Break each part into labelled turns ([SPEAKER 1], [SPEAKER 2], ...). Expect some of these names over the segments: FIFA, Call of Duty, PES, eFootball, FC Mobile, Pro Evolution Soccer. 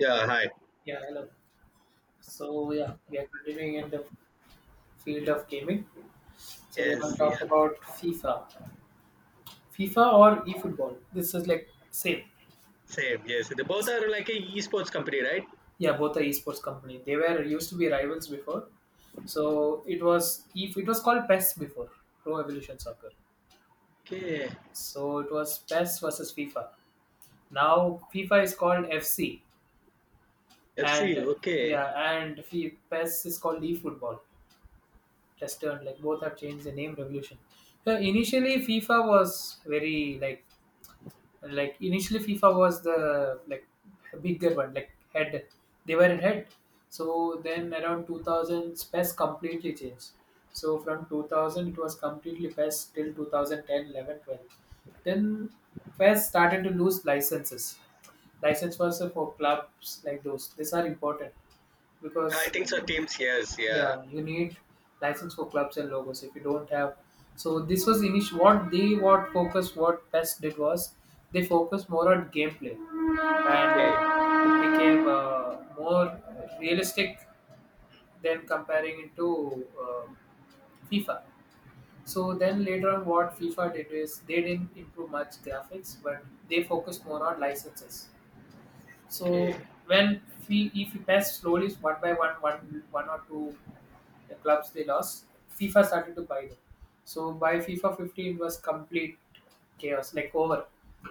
[SPEAKER 1] Yeah, hi.
[SPEAKER 2] Yeah, hello. So yeah, we are continuing in the field of gaming. So we are
[SPEAKER 1] Yes,
[SPEAKER 2] going to talk
[SPEAKER 1] yeah,
[SPEAKER 2] about FIFA or eFootball. This is like same.
[SPEAKER 1] same. Yes, they both are like a esports company, right?
[SPEAKER 2] Yeah, both are esports company. They were used to be rivals before. So it was if it was called PES before, Pro Evolution Soccer.
[SPEAKER 1] Okay.
[SPEAKER 2] So it was PES versus FIFA. Now FIFA is called FC,
[SPEAKER 1] FC.
[SPEAKER 2] and
[SPEAKER 1] Okay.
[SPEAKER 2] yeah, and PES is called eFootball. Just turned like both have changed the name revolution. So initially FIFA was very like like initially FIFA was the like bigger one, like head, they were in head. So then around 2000 PES completely changed. So from 2000 it was completely PES till 2010, 11, 12. Then PES started to lose licenses. License was for clubs, like those, these are important,
[SPEAKER 1] Yeah, I
[SPEAKER 2] because
[SPEAKER 1] think so.
[SPEAKER 2] yeah.
[SPEAKER 1] Teams, yes, yeah.
[SPEAKER 2] Yeah, you need license for clubs and logos if you don't have. So this was initial, what they what focus what best did was they focused more on gameplay, and like
[SPEAKER 1] Okay,
[SPEAKER 2] it became more realistic than comparing it to FIFA. So then later on, what FIFA did is they didn't improve much graphics, but they focused more on licenses.
[SPEAKER 1] okay.
[SPEAKER 2] So when we, if we pass slowly one by one, one or two the clubs they lost, FIFA started to buy them. So by FIFA 50, it was complete chaos, like over.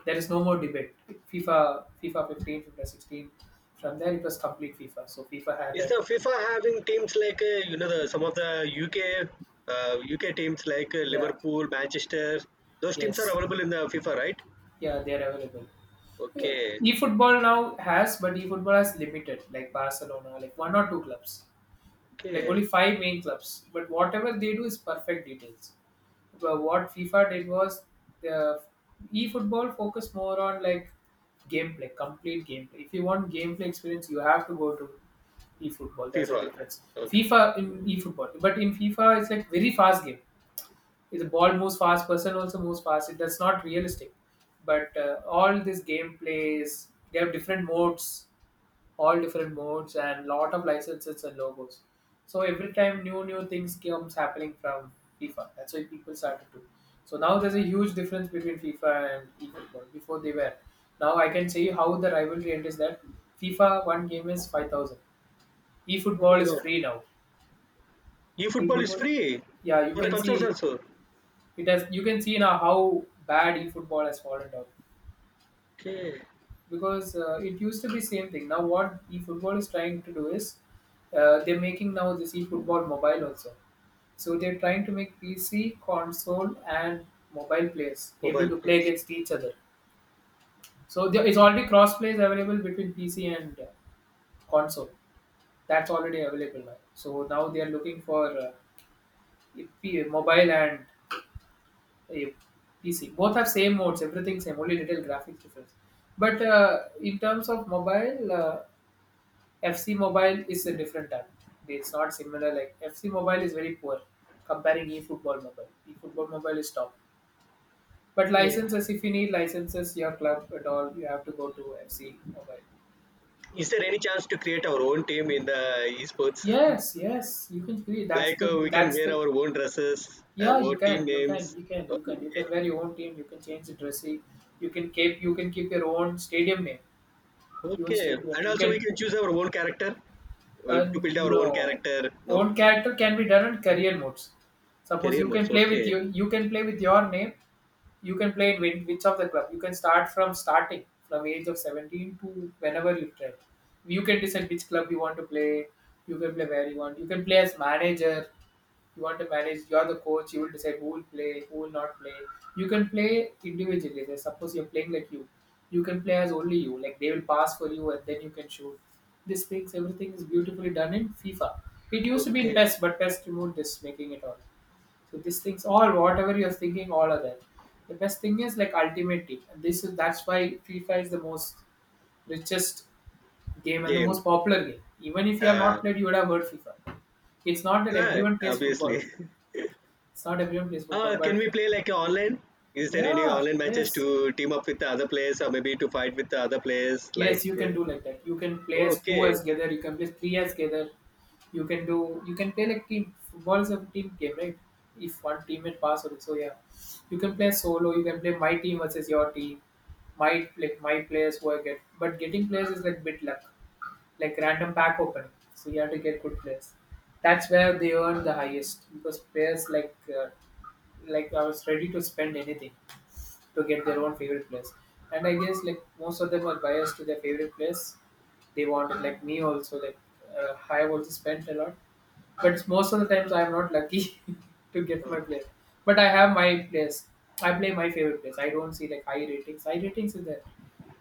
[SPEAKER 2] There is no more debate. FIFA 15, FIFA 16. From there, it was complete FIFA. So FIFA had
[SPEAKER 1] Is the
[SPEAKER 2] that.
[SPEAKER 1] FIFA having teams like you know the some of the UK UK teams like
[SPEAKER 2] Yeah.
[SPEAKER 1] Liverpool, Manchester? Those teams are
[SPEAKER 2] Yes.
[SPEAKER 1] available in the FIFA, right?
[SPEAKER 2] Yeah, they are available. Yeah.
[SPEAKER 1] Okay,
[SPEAKER 2] E-football now has, but e-football has limited, like Barcelona, like one or two clubs, like
[SPEAKER 1] okay.
[SPEAKER 2] only five main clubs. But whatever they do is perfect details. But what FIFA did was the e-football focused more on like gameplay, complete gameplay. If you want gameplay experience, you have to go to e-football. There's a
[SPEAKER 1] FIFA.
[SPEAKER 2] difference.
[SPEAKER 1] Okay.
[SPEAKER 2] FIFA in e-football, but in FIFA it's like very fast game. If the ball moves fast, person also moves fast. It, that's not realistic. But all this gameplay is they have different modes, all different modes and lot of licenses and logos. So every time new things comes happening from FIFA. That's why people started to. So now there's a huge difference between FIFA and eFootball. Before they were. Now I can say how the rivalry end is that FIFA one game is 5,000.
[SPEAKER 1] Oh
[SPEAKER 2] eFootball
[SPEAKER 1] my
[SPEAKER 2] is
[SPEAKER 1] God.
[SPEAKER 2] free now.
[SPEAKER 1] E football is
[SPEAKER 2] eFootball,
[SPEAKER 1] free
[SPEAKER 2] yeah, you
[SPEAKER 1] for the
[SPEAKER 2] can
[SPEAKER 1] consoles
[SPEAKER 2] see
[SPEAKER 1] also.
[SPEAKER 2] it has. You can see now how bad eFootball has fallen down.
[SPEAKER 1] Okay.
[SPEAKER 2] Because it used to be same thing. Now what eFootball is trying to do is they're making now this eFootball mobile also. So they're trying to make PC, console, and mobile players able
[SPEAKER 1] Mobile,
[SPEAKER 2] to play
[SPEAKER 1] please.
[SPEAKER 2] against each other. So there is already cross plays available between PC and console. That's already available now. So now they are looking for if mobile and uh, PC. Both have same modes, everything same, only little graphic difference. But in terms of mobile, FC Mobile is a different app. It's not similar. Like FC Mobile is very poor comparing eFootball Mobile. eFootball Mobile is top. But
[SPEAKER 1] Okay.
[SPEAKER 2] licenses, if you need licenses, your club at all, you have to go to FC Mobile.
[SPEAKER 1] Is there any chance to create our own team in the esports?
[SPEAKER 2] Yes, yes, you can do.
[SPEAKER 1] Like we can
[SPEAKER 2] That's
[SPEAKER 1] wear
[SPEAKER 2] the
[SPEAKER 1] our own dresses, uh,
[SPEAKER 2] Yeah.
[SPEAKER 1] our team names.
[SPEAKER 2] You can
[SPEAKER 1] Okay,
[SPEAKER 2] wear your own team. You can change the dressing. You can keep your own stadium name, your own
[SPEAKER 1] okay,
[SPEAKER 2] stadium.
[SPEAKER 1] and
[SPEAKER 2] You
[SPEAKER 1] also
[SPEAKER 2] can
[SPEAKER 1] we can choose our own character to build our own
[SPEAKER 2] No,
[SPEAKER 1] character. No,
[SPEAKER 2] own character can be done in career modes. Suppose
[SPEAKER 1] career
[SPEAKER 2] you can
[SPEAKER 1] modes.
[SPEAKER 2] play with
[SPEAKER 1] Okay,
[SPEAKER 2] you, you can play with your name. You can play in which of the club. You can start from starting from age of 17 to whenever you try. You can decide which club you want to play. You can play where you want. You can play as manager. You want to manage. You are the coach. You will decide who will play, who will not play. You can play individually. Like, suppose you're playing like you can play as only you. Like they will pass for you, and then you can shoot. This things, everything is beautifully done in FIFA. It used to be in
[SPEAKER 1] okay,
[SPEAKER 2] PES, but PES removed this, making it all. So these things, all whatever you're thinking, all are there. The best thing is like Ultimate Team. And this is that's why FIFA is the most richest game and the
[SPEAKER 1] game.
[SPEAKER 2] most popular game. Even if you have
[SPEAKER 1] Uh,
[SPEAKER 2] not played, you would have heard FIFA. It's not that
[SPEAKER 1] yeah,
[SPEAKER 2] everyone plays football.
[SPEAKER 1] obviously.
[SPEAKER 2] It's not everyone plays football,
[SPEAKER 1] Can
[SPEAKER 2] but
[SPEAKER 1] we play like online? Is there any
[SPEAKER 2] yeah,
[SPEAKER 1] online matches
[SPEAKER 2] yes,
[SPEAKER 1] to team up with the other players or maybe to fight with the other players? Like,
[SPEAKER 2] yes, you can do like that. You can play as two
[SPEAKER 1] okay.
[SPEAKER 2] as
[SPEAKER 1] Is
[SPEAKER 2] together. You can play three as together. You can do. You can play like team. Football is a team game, right? If one teammate pass or so, yeah, you can play solo. You can play my team versus your team. My like my players who I get, but getting players is like bit luck, like random pack opening. So you have to get good players. That's where they earn the highest because players uh, like I was ready to spend anything to get their own favorite place. And I guess like most of them are biased to their favorite place. They wanted like me also like I have also spent a lot, but most of the times I am not lucky to get my place. But I have my place. I play my favorite place. I don't see like high ratings. High ratings is there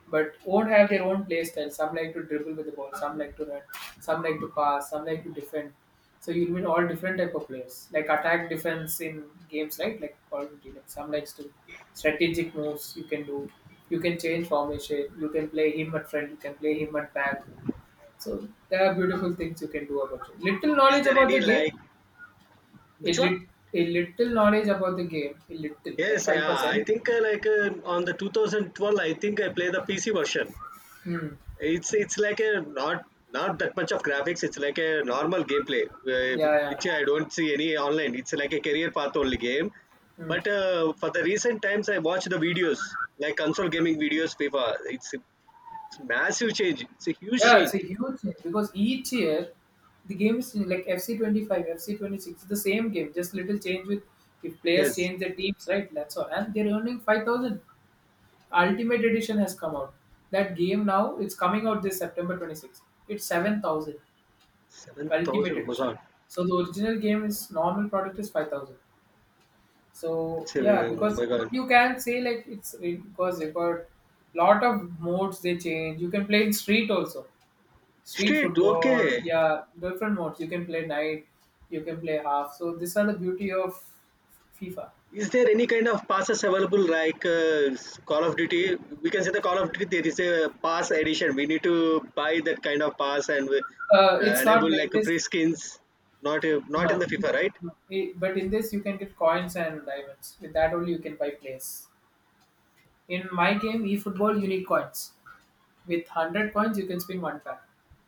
[SPEAKER 2] but won't have their own play style. Some like to dribble with the ball, some like to run, some like to pass, some like to defend. So you'll meet all different type of players, like attack, defense in games, right? Like Call of Duty, like some likes to strategic moves you can do. You can change formation. You can play him at front. You can play him at back. So there are beautiful things you can do about it. Little knowledge
[SPEAKER 1] there
[SPEAKER 2] about the
[SPEAKER 1] any
[SPEAKER 2] game,
[SPEAKER 1] like
[SPEAKER 2] a,
[SPEAKER 1] which one?
[SPEAKER 2] lit, a little knowledge about the game, a little like
[SPEAKER 1] Yes,
[SPEAKER 2] five
[SPEAKER 1] yeah. I
[SPEAKER 2] percent.
[SPEAKER 1] think on the 2012, I think I play the PC version.
[SPEAKER 2] Hmm.
[SPEAKER 1] It's like a not that much of graphics. It's like a normal gameplay,
[SPEAKER 2] Yeah,
[SPEAKER 1] which
[SPEAKER 2] yeah.
[SPEAKER 1] I don't see any online. It's like a career path only game.
[SPEAKER 2] Hmm.
[SPEAKER 1] But for the recent times, I watch the videos like console gaming videos. FIFA. It's massive change. It's a huge
[SPEAKER 2] Yeah, it's
[SPEAKER 1] change.
[SPEAKER 2] a huge thing because each year the game is like FC 25, FC 26, the same game, just little change with if players
[SPEAKER 1] Yes,
[SPEAKER 2] change their teams, right? That's all. And they're earning 5,000. Ultimate Edition has come out. That game now, it's coming out this September 26th. It's 7,000,
[SPEAKER 1] 7,000.
[SPEAKER 2] Ultimate
[SPEAKER 1] Oh my
[SPEAKER 2] Edition.
[SPEAKER 1] god.
[SPEAKER 2] So the original game is normal product is 5,000. So
[SPEAKER 1] It's
[SPEAKER 2] yeah,
[SPEAKER 1] oh
[SPEAKER 2] because
[SPEAKER 1] my
[SPEAKER 2] but
[SPEAKER 1] god.
[SPEAKER 2] you can say like it's because they got lot of modes they change. You can play in street also, street
[SPEAKER 1] Street.
[SPEAKER 2] football,
[SPEAKER 1] Okay.
[SPEAKER 2] yeah, different modes, you can play night, you can play half. So these are the beauty of FIFA.
[SPEAKER 1] Is there any kind of passes available like Call of Duty? We can say the Call of Duty there is a pass edition. We need to buy that kind of pass and
[SPEAKER 2] It's not
[SPEAKER 1] enable
[SPEAKER 2] like
[SPEAKER 1] like
[SPEAKER 2] this.
[SPEAKER 1] free skins. Not
[SPEAKER 2] No,
[SPEAKER 1] not in the FIFA, right?
[SPEAKER 2] No. But in this you can get coins and diamonds, with that only you can buy players. In my game eFootball, you need coins. With 100 coins, you can spin one pack.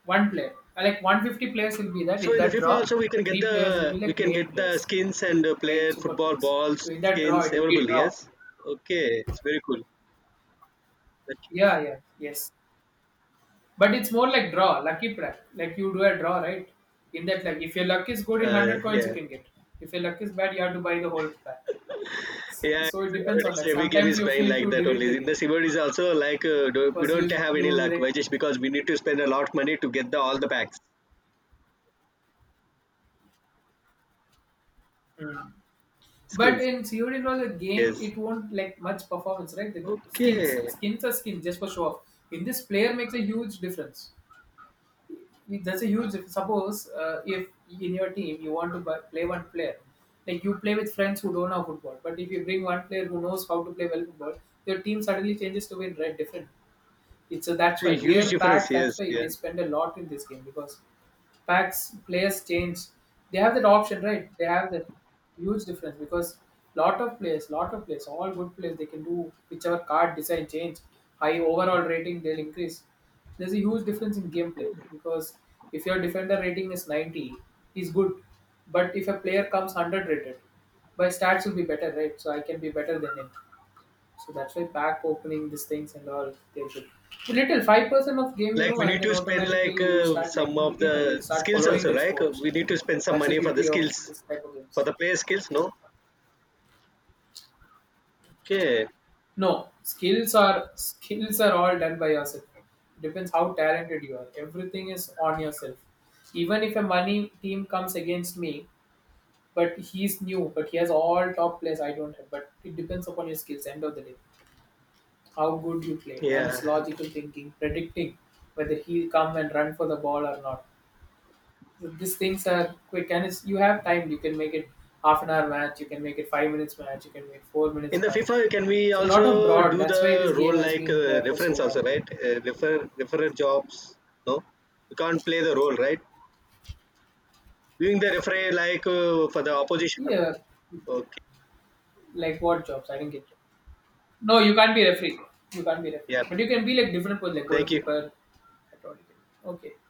[SPEAKER 2] One player. Like 150 players will be that.
[SPEAKER 1] So
[SPEAKER 2] In
[SPEAKER 1] in the
[SPEAKER 2] that
[SPEAKER 1] FIFA
[SPEAKER 2] draw,
[SPEAKER 1] also we can get
[SPEAKER 2] three players will
[SPEAKER 1] the
[SPEAKER 2] be
[SPEAKER 1] we
[SPEAKER 2] like
[SPEAKER 1] can
[SPEAKER 2] main
[SPEAKER 1] get the
[SPEAKER 2] players,
[SPEAKER 1] skins and
[SPEAKER 2] main
[SPEAKER 1] player
[SPEAKER 2] super
[SPEAKER 1] football
[SPEAKER 2] players. So
[SPEAKER 1] balls
[SPEAKER 2] in that draw,
[SPEAKER 1] skins
[SPEAKER 2] it will be
[SPEAKER 1] available.
[SPEAKER 2] draw.
[SPEAKER 1] Yes. Okay, it's very cool. Thank you.
[SPEAKER 2] Yeah, yeah, yes. But it's more like draw, lucky play. Like you do a draw, right? In that, like if your luck is good, in one hundred coins you
[SPEAKER 1] Yeah.
[SPEAKER 2] can get. If your luck is bad, you have to buy the whole pack.
[SPEAKER 1] Yeah,
[SPEAKER 2] So it
[SPEAKER 1] it's
[SPEAKER 2] depends on that.
[SPEAKER 1] nowadays every game
[SPEAKER 2] Sometimes
[SPEAKER 1] is
[SPEAKER 2] you
[SPEAKER 1] banned
[SPEAKER 2] feel
[SPEAKER 1] like
[SPEAKER 2] to
[SPEAKER 1] that
[SPEAKER 2] delete the
[SPEAKER 1] only. In
[SPEAKER 2] game
[SPEAKER 1] the Silver is also like do- we
[SPEAKER 2] because
[SPEAKER 1] don't
[SPEAKER 2] you
[SPEAKER 1] have
[SPEAKER 2] you
[SPEAKER 1] any luck,
[SPEAKER 2] like.
[SPEAKER 1] which is because we need to spend a lot of money to get the all the packs
[SPEAKER 2] Mm. But
[SPEAKER 1] skins.
[SPEAKER 2] in COD and all the game,
[SPEAKER 1] Yes.
[SPEAKER 2] it won't like much performance, right? The skins,
[SPEAKER 1] Okay.
[SPEAKER 2] skins are skins just for show off. In this, player makes a huge difference. That's a huge difference. Suppose if in your team you want to buy, play one player, like you play with friends who don't know football, but if you bring one player who knows how to play well football, your team suddenly changes to be red different. It's so that's why
[SPEAKER 1] A huge
[SPEAKER 2] year
[SPEAKER 1] difference.
[SPEAKER 2] pack. That's
[SPEAKER 1] Yes.
[SPEAKER 2] why
[SPEAKER 1] Yeah.
[SPEAKER 2] they spend a lot in this game because packs players change. They have that option, right? They have that huge difference because lot of players, all good players, they can do whichever card design change, high overall rating they'll increase. There's a huge difference in gameplay because if your defender rating is 90, he's good. But if a player comes 100 rated, my stats will be better, right? So I can be better than him. So that's why pack opening these things and all they should little 5% of game, you
[SPEAKER 1] Like
[SPEAKER 2] know,
[SPEAKER 1] we
[SPEAKER 2] and
[SPEAKER 1] need
[SPEAKER 2] then
[SPEAKER 1] to spend
[SPEAKER 2] automatically
[SPEAKER 1] like
[SPEAKER 2] you will start
[SPEAKER 1] some
[SPEAKER 2] liking the
[SPEAKER 1] of
[SPEAKER 2] game and you'll
[SPEAKER 1] the
[SPEAKER 2] start
[SPEAKER 1] skills
[SPEAKER 2] following
[SPEAKER 1] also,
[SPEAKER 2] the
[SPEAKER 1] right?
[SPEAKER 2] sports.
[SPEAKER 1] We need to spend some
[SPEAKER 2] That's the
[SPEAKER 1] money for the
[SPEAKER 2] beauty of
[SPEAKER 1] skills
[SPEAKER 2] this type of
[SPEAKER 1] for
[SPEAKER 2] games.
[SPEAKER 1] the player skills. No. Okay.
[SPEAKER 2] No, skills are all done by yourself. Depends how talented you are. Everything is on yourself. Even if a money team comes against me, but he's new, but he has all top players I don't have. But it depends upon your skills. End of the day, how good you play, and
[SPEAKER 1] Yeah.
[SPEAKER 2] his logical thinking, predicting whether he'll come and run for the ball or not. So these things are quick, and it's, you have time. You can make it half an hour match, you can make it 5 minutes match, you can make four
[SPEAKER 1] In
[SPEAKER 2] minutes
[SPEAKER 1] the
[SPEAKER 2] match.
[SPEAKER 1] FIFA, can we
[SPEAKER 2] So a lot of
[SPEAKER 1] also
[SPEAKER 2] broad.
[SPEAKER 1] do
[SPEAKER 2] That's why this
[SPEAKER 1] the role
[SPEAKER 2] game has
[SPEAKER 1] like
[SPEAKER 2] been there for so
[SPEAKER 1] reference
[SPEAKER 2] long.
[SPEAKER 1] also, right? Referrer jobs. No, you can't play the role, right? Doing the referee like for the opposition.
[SPEAKER 2] Yeah,
[SPEAKER 1] Okay.
[SPEAKER 2] like what jobs? I didn't get. You. No, you can't be referee. You can't be
[SPEAKER 1] Yeah.
[SPEAKER 2] referee. But you can be like different position, like
[SPEAKER 1] Thank you.
[SPEAKER 2] goalkeeper. I told you. Can. Okay,